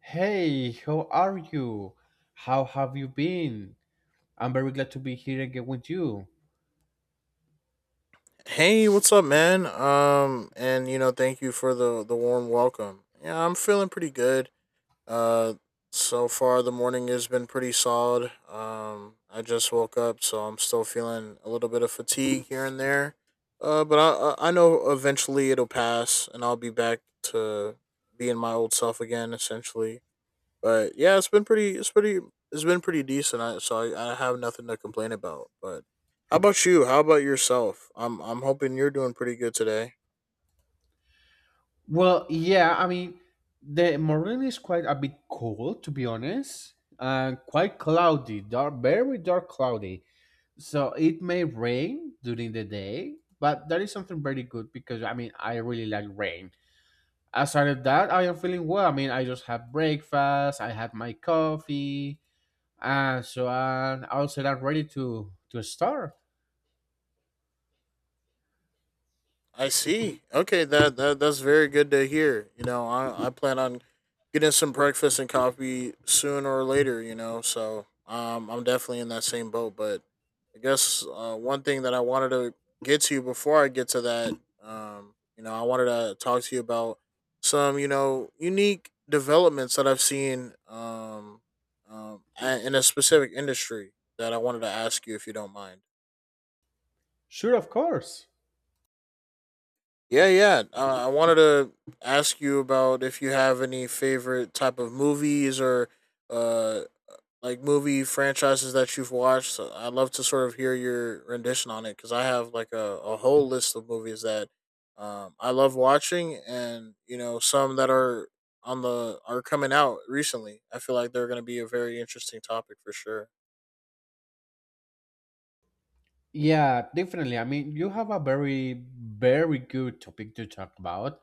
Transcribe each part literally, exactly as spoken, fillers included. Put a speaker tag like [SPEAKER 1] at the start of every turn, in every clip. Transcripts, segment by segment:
[SPEAKER 1] Hey, how are you? How have you been? I'm very glad to be here again with you.
[SPEAKER 2] Hey, what's up, man? Um, and you know, thank you for the the warm welcome. Yeah, I'm feeling pretty good. Uh, so far the morning has been pretty solid. Um, I just woke up, so I'm still feeling a little bit of fatigue here and there. Uh, but I I I know eventually it'll pass, and I'll be back to being my old self again, essentially. But yeah, it's been pretty. It's pretty. It's been pretty decent. I, so I, I have nothing to complain about. But how about you? How about yourself? I'm I'm hoping you're doing pretty good today.
[SPEAKER 1] Well, yeah, I mean, the morning is quite a bit cold, to be honest, and quite cloudy, dark, very dark cloudy. So it may rain during the day, but that is something very good because I mean, I really like rain. Aside of that, I am feeling well. I mean, I just had breakfast, I had my coffee, and so on. Also, I'm ready to to start.
[SPEAKER 2] I see. Okay, that, that that's very good to hear. You know, I, I plan on getting some breakfast and coffee sooner or later, you know, so um I'm definitely in that same boat. But I guess uh, one thing that I wanted to get to before I get to that, um, you know, I wanted to talk to you about some, you know, unique developments that I've seen, um, um a- in a specific industry that I wanted to ask you if you don't mind.
[SPEAKER 1] Sure, of course.
[SPEAKER 2] Yeah, yeah. Uh, I wanted to ask you about if you have any favorite type of movies or uh like movie franchises that you've watched. So I'd love to sort of hear your rendition on it because I have like a, a whole list of movies that um, I love watching, and you know some that are on the are coming out recently. I feel like they're going to be a very interesting topic for sure.
[SPEAKER 1] Yeah, definitely. I mean, you have a very, very good topic to talk about.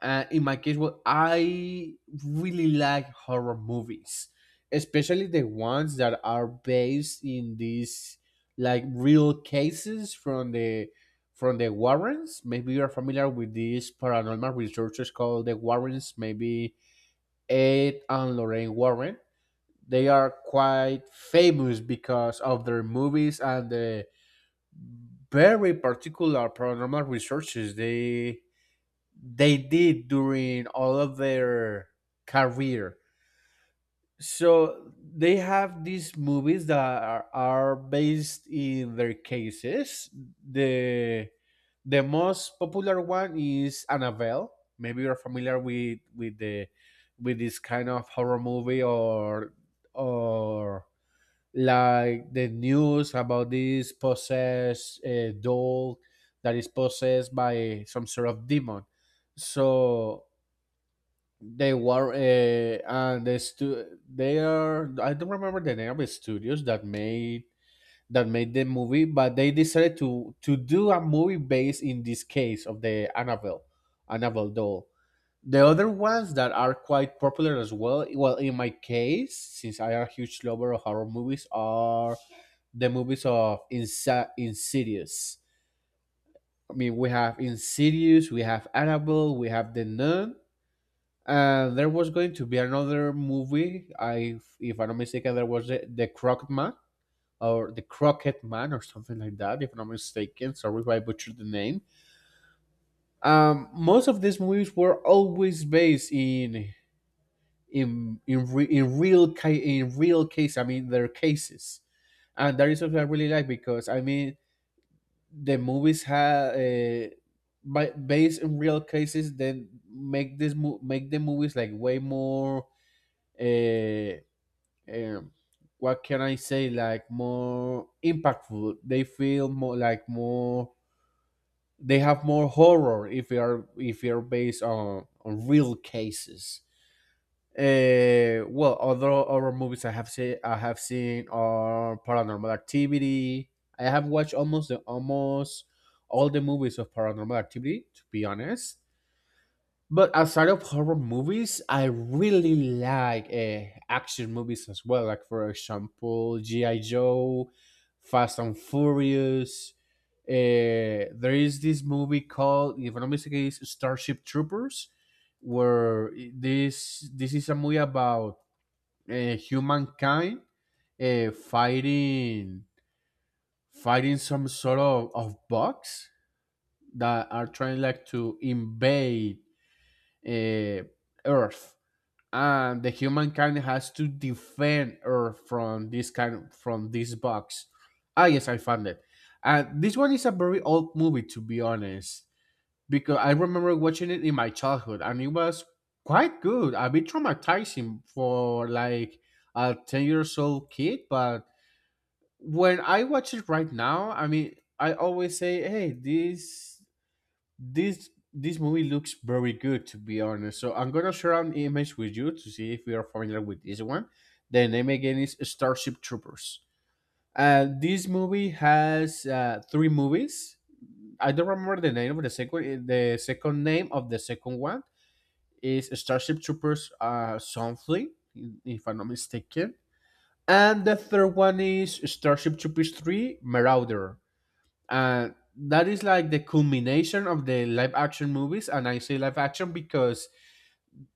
[SPEAKER 1] Uh, in my case, well, I really like horror movies, especially the ones that are based in these like real cases from the from the Warrens. Maybe you are familiar with these paranormal researchers called the Warrens. Maybe Ed and Lorraine Warren. They are quite famous because of their movies and the very particular paranormal researches they they did during all of their career. So they have these movies that are, are based in their cases. The the most popular one is Annabelle. Maybe you're familiar with with the with this kind of horror movie or or like the news about this possessed uh, doll that is possessed by some sort of demon. So they were uh, and the stu- they are I don't remember the name of the studios that made that made the movie, but they decided to to do a movie based in this case of the Annabelle Annabelle doll. The other ones that are quite popular as well, well, in my case, since I am a huge lover of horror movies, are the movies of Insa- Insidious. I mean, we have Insidious, we have Annabelle, we have The Nun, and there was going to be another movie. I, if I'm not mistaken, there was the, the Crooked Man or the Crooked Man or something like that. If I'm not mistaken, sorry if I butchered the name. Um, most of these movies were always based in in in re, in real ca- in real case. I mean, their cases, and that is what I really like because I mean the movies have uh, by, based in real cases, then make this mo- make the movies like way more. Uh, um, what can I say? Like more impactful. They feel more like more. They have more horror if they are if they are based on on real cases. Uh, well, other horror movies I have seen, I have seen are Paranormal Activity. I have watched almost the, almost all the movies of Paranormal Activity. To be honest, but outside of horror movies, I really like uh, action movies as well. Like for example, G I Joe, Fast and Furious. Uh, there is this movie called, if I'm not mistaken, it's Starship Troopers, where this this is a movie about uh, humankind uh, fighting fighting some sort of, of bugs that are trying like to invade uh, Earth and the humankind has to defend Earth from this kind of, from this box. Ah, yes, I found it. And this one is a very old movie, to be honest, because I remember watching it in my childhood, and it was quite good. A bit traumatizing for like a ten years old kid, but when I watch it right now, I mean, I always say, "Hey, this this this movie looks very good to be honest, so I'm gonna share an image with you to see if you are familiar with this one. The name again is Starship Troopers. Uh, this movie has uh, three movies. I don't remember the name of the second the second name of the second one is Starship Troopers uh, something, if I'm not mistaken, and the third one is Starship Troopers three Marauder, and that is like the culmination of the live action movies. And I say live action because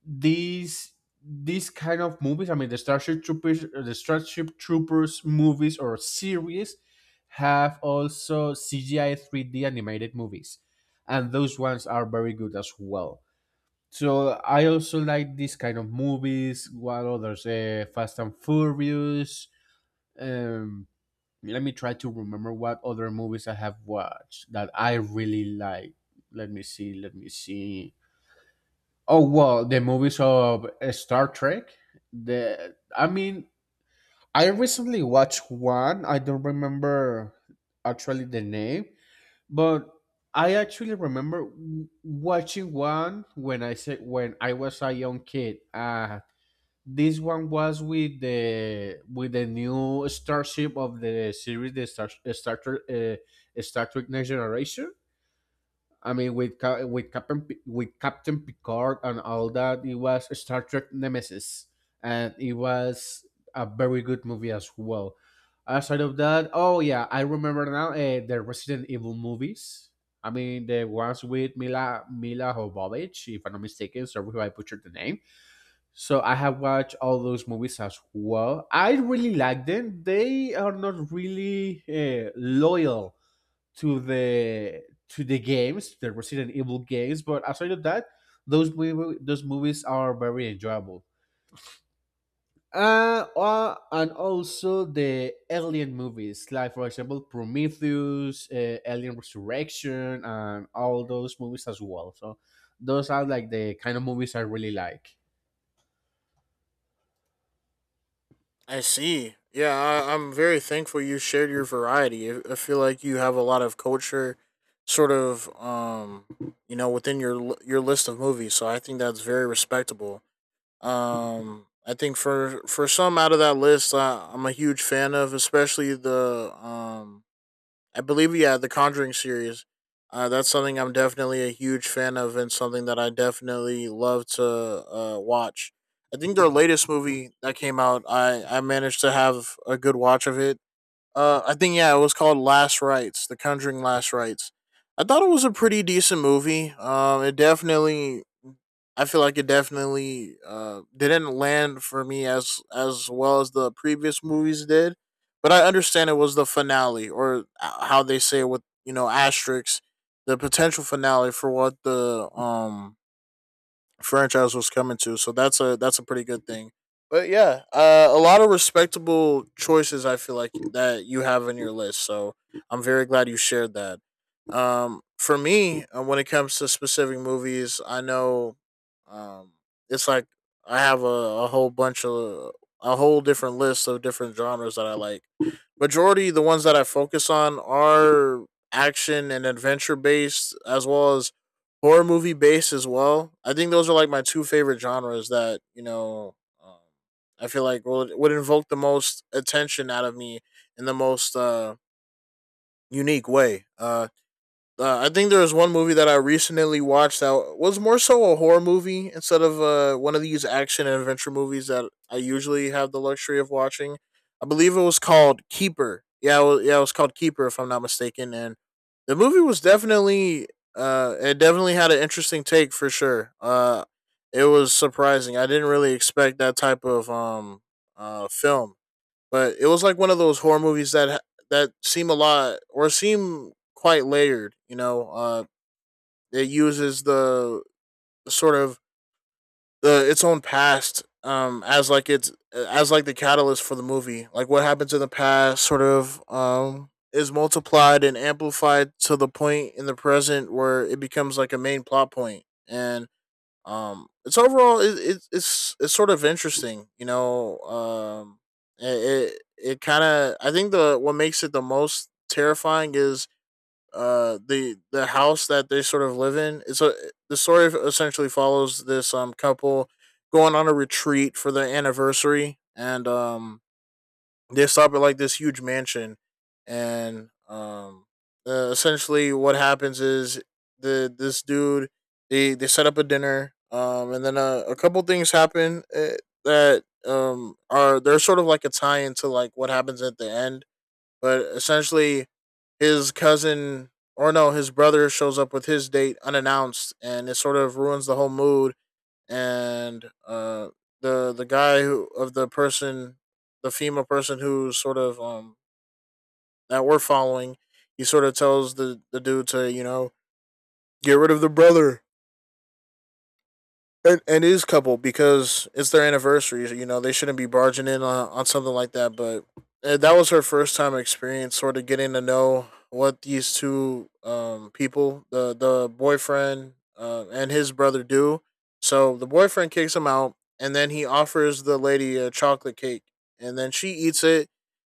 [SPEAKER 1] these these kind of movies, i mean the starship troopers the starship troopers movies or series have also cgi three d animated movies, and those ones are very good as well. So I also like these kind of movies. What others? uh, Fast and Furious. Um let me try to remember what other movies I have watched that I really like. Let me see. Let me see. Oh well, the movies of uh, Star Trek. The I mean, I recently watched one. I don't remember actually the name, but I actually remember w- watching one when I said when I was a young kid. Uh this one was with the with the new starship of the series, the Star Star Trek, uh, Star Trek Next Generation. I mean, with Ca- with Captain P- with Captain Picard and all that. It was Star Trek Nemesis, and it was a very good movie as well. Aside of that, oh yeah, I remember now uh, the Resident Evil movies. I mean, the ones with Mila Mila Jovovich, if I'm not mistaken. Sorry if I butchered the name, so I have watched all those movies as well. I really like them. They are not really uh, loyal to the to the games, the Resident Evil games. But aside of that, those movie, those movies are very enjoyable. Uh, uh, and also the alien movies, like for example Prometheus, uh, Alien Resurrection, and all those movies as well. So those are like the kind of movies I really like.
[SPEAKER 2] I see. Yeah, I, I'm very thankful you shared your variety. I I feel like you have a lot of culture, sort of, um, you know, within your l- your list of movies. So I think that's very respectable. Um, I think for for some out of that list, I, I'm a huge fan of, especially the um I believe, yeah, the Conjuring series. Uh, that's something I'm definitely a huge fan of, and something that I definitely love to uh, watch. I think their latest movie that came out, I, I managed to have a good watch of it. Uh, I think yeah, it was called Last Rites, The Conjuring Last Rites. I thought it was a pretty decent movie. Um, it definitely I feel like it definitely uh, didn't land for me as as well as the previous movies did, but I understand it was the finale or a- how they say it with you know asterisks, the potential finale for what the um franchise was coming to. So that's a that's a pretty good thing. But yeah, uh, a lot of respectable choices. I feel like that you have in your list. So I'm very glad you shared that. Um, for me, uh, when it comes to specific movies, I know, um, it's like I have a, a whole bunch of a whole different list of different genres that I like. Majority the ones that I focus on are action and adventure based, as well as horror movie based as well. I think those are like my two favorite genres that you know um, I feel like would, would invoke the most attention out of me in the most uh, unique way. Uh, uh, I think there was one movie that I recently watched that was more so a horror movie instead of uh, one of these action and adventure movies that I usually have the luxury of watching. I believe it was called Keeper. Yeah, it was, yeah, it was called Keeper if I'm not mistaken. And the movie was definitely, uh, it definitely had an interesting take for sure. Uh, it was surprising. I didn't really expect that type of um uh film, but it was like one of those horror movies that that seem a lot or seem quite layered. You know, uh, it uses the sort of the its own past um as like it's as like the catalyst for the movie. Like what happens in the past, sort of um is multiplied and amplified to the point in the present where it becomes like a main plot point. And um it's overall it, it, it's it's sort of interesting, you know. um it it, it kind of, I think the what makes it the most terrifying is uh the the house that they sort of live in. It's a, the story essentially follows this um couple going on a retreat for their anniversary, and um they stop at like this huge mansion. And um uh, essentially what happens is the this dude, they they set up a dinner, um and then a, a couple things happen, uh, that um are they're sort of like a tie into like what happens at the end. But essentially, his cousin, or no, his brother shows up with his date unannounced, and it sort of ruins the whole mood. And uh, the the guy, who of the person, the female person who sort of, um that we're following, he sort of tells the the dude to, you know, get rid of the brother, It, it is couple because it's their anniversary. You know, they shouldn't be barging in on, on something like that. But uh, that was her first time experience, sort of getting to know what these two um, people, the the boyfriend uh, and his brother, do. So the boyfriend kicks him out, and then he offers the lady a chocolate cake, and then she eats it.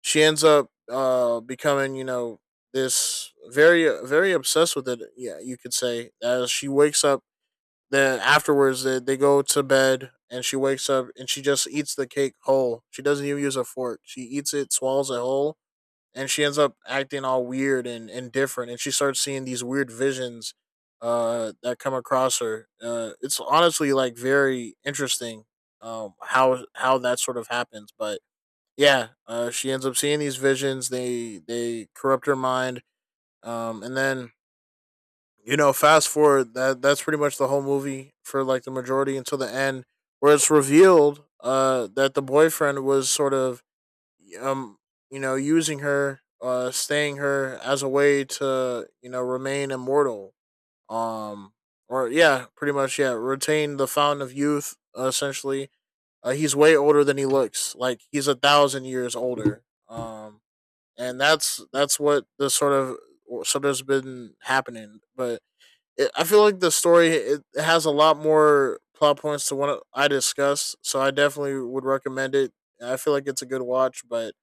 [SPEAKER 2] She ends up uh, becoming, you know, this very very obsessed with it. Yeah, you could say, as she wakes up then afterwards, they, they go to bed and she wakes up and she just eats the cake whole. She doesn't even use a fork, she eats it, swallows it whole, and she ends up acting all weird and, and different, and she starts seeing these weird visions uh, that come across her. Uh, it's honestly like very interesting, um, how how that sort of happens. But yeah, uh, she ends up seeing these visions, they they corrupt her mind. Um, and then, you know, fast forward, that that's pretty much the whole movie for like the majority until the end, where it's revealed uh that the boyfriend was sort of, um you know, using her, uh staying her as a way to, you know, remain immortal, um or yeah, pretty much, yeah, retain the fountain of youth, uh, essentially. Uh, he's way older than he looks. Like he's a thousand years older. Um, and that's that's what the sort of sort of has been happening. But it, I feel like the story it has a lot more plot points to what I discussed, so I definitely would recommend it. I feel like it's a good watch, but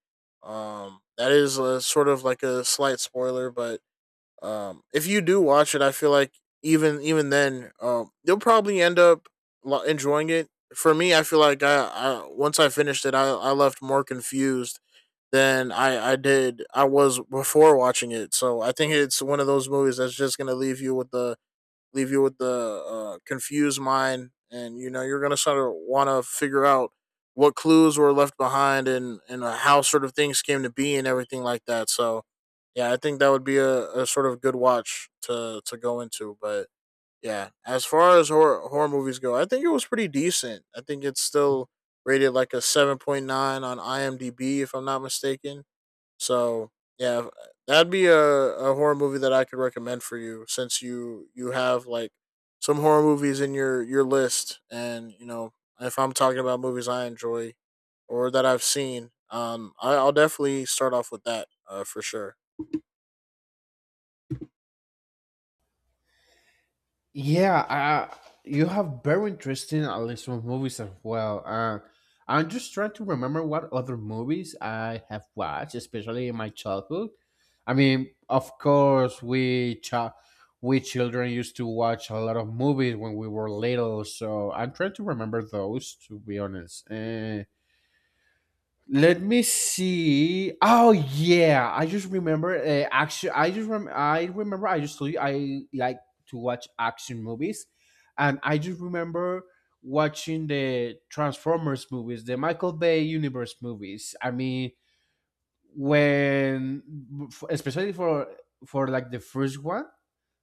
[SPEAKER 2] um, that is a sort of like a slight spoiler. But um, if you do watch it, I feel like even even then, um, you'll probably end up enjoying it. For me, I feel like I, I once I finished it, I, I left more confused than I, I did I was before watching it. So I think it's one of those movies that's just gonna leave you with the leave you with the uh, confused mind, and you know you're gonna sort of want to figure out what clues were left behind, and and uh, how sort of things came to be and everything like that. So yeah, I think that would be a, a sort of good watch to to go into. But yeah, as far as horror, horror movies go, I think it was pretty decent. I think it's still rated like a seven point nine on I M D b if I'm not mistaken. So yeah, that'd be a, a horror movie that I could recommend for you, since you you have like some horror movies in your your list. And you know, if I'm talking about movies I enjoy or that I've seen, um, I, I'll definitely start off with that, uh, for sure.
[SPEAKER 1] Yeah, uh, you have very interesting at least some movies as well. Uh, I'm just trying to remember what other movies I have watched, especially in my childhood. I mean, of course, we ch- we children used to watch a lot of movies when we were little, so I'm trying to remember those. To be honest, uh, let me see. Oh yeah, I just remember. Uh, action. I just rem- I remember. I just told you I like to watch action movies, and I just remember watching the Transformers movies, the Michael Bay universe movies. I mean, when f- especially for for like the first one,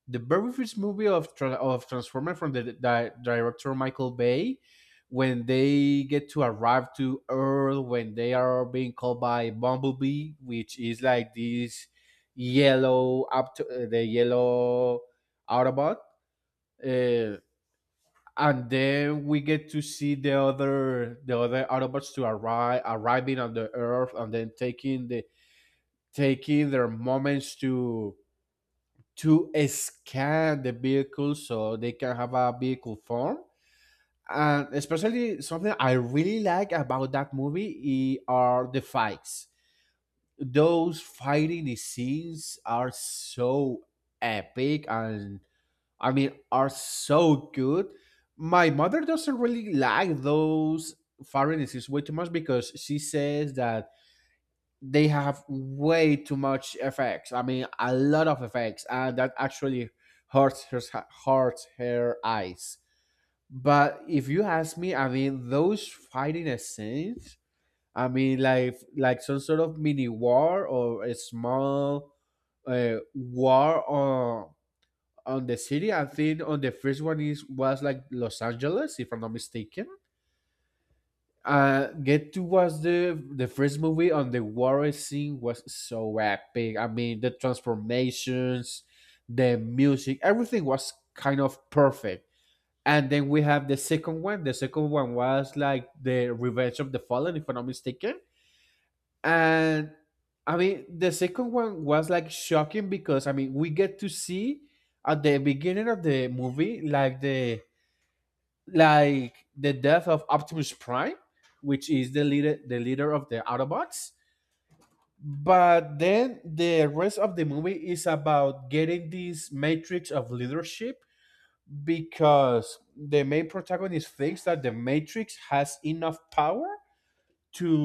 [SPEAKER 1] the very first movie of of Transformer from the di- director Michael Bay, when they get to arrive to Earth, when they are being called by Bumblebee, which is like this yellow up to, uh, the yellow Autobot, uh, and then we get to see the other the other Autobots to arrive arriving on the Earth, and then taking the taking their moments to to scan the vehicle so they can have a vehicle form. And especially something I really like about that movie i- are the fights. Those fighting scenes are so epic, and I mean are so good. My mother doesn't really like those fighting scenes way too much because she says that they have way too much effects. I mean, a lot of effects, and that actually hurts her hurts her eyes. But if you ask me, I mean, those fighting scenes, I mean, like like some sort of mini war or a small uh, war on on the city. I think on the first one is was like Los Angeles, if I'm not mistaken. Uh, Get to was the the first movie on the war scene was so epic. I mean, the transformations, the music, everything was kind of perfect. And then we have the second one. The second one was like the Revenge of the Fallen, if I'm not mistaken. And I mean, the second one was like shocking because I mean, we get to see at the beginning of the movie like the like the death of Optimus Prime, which is the leader the leader of the Autobots. But then the rest of the movie is about getting this matrix of leadership because the main protagonist thinks that the matrix has enough power to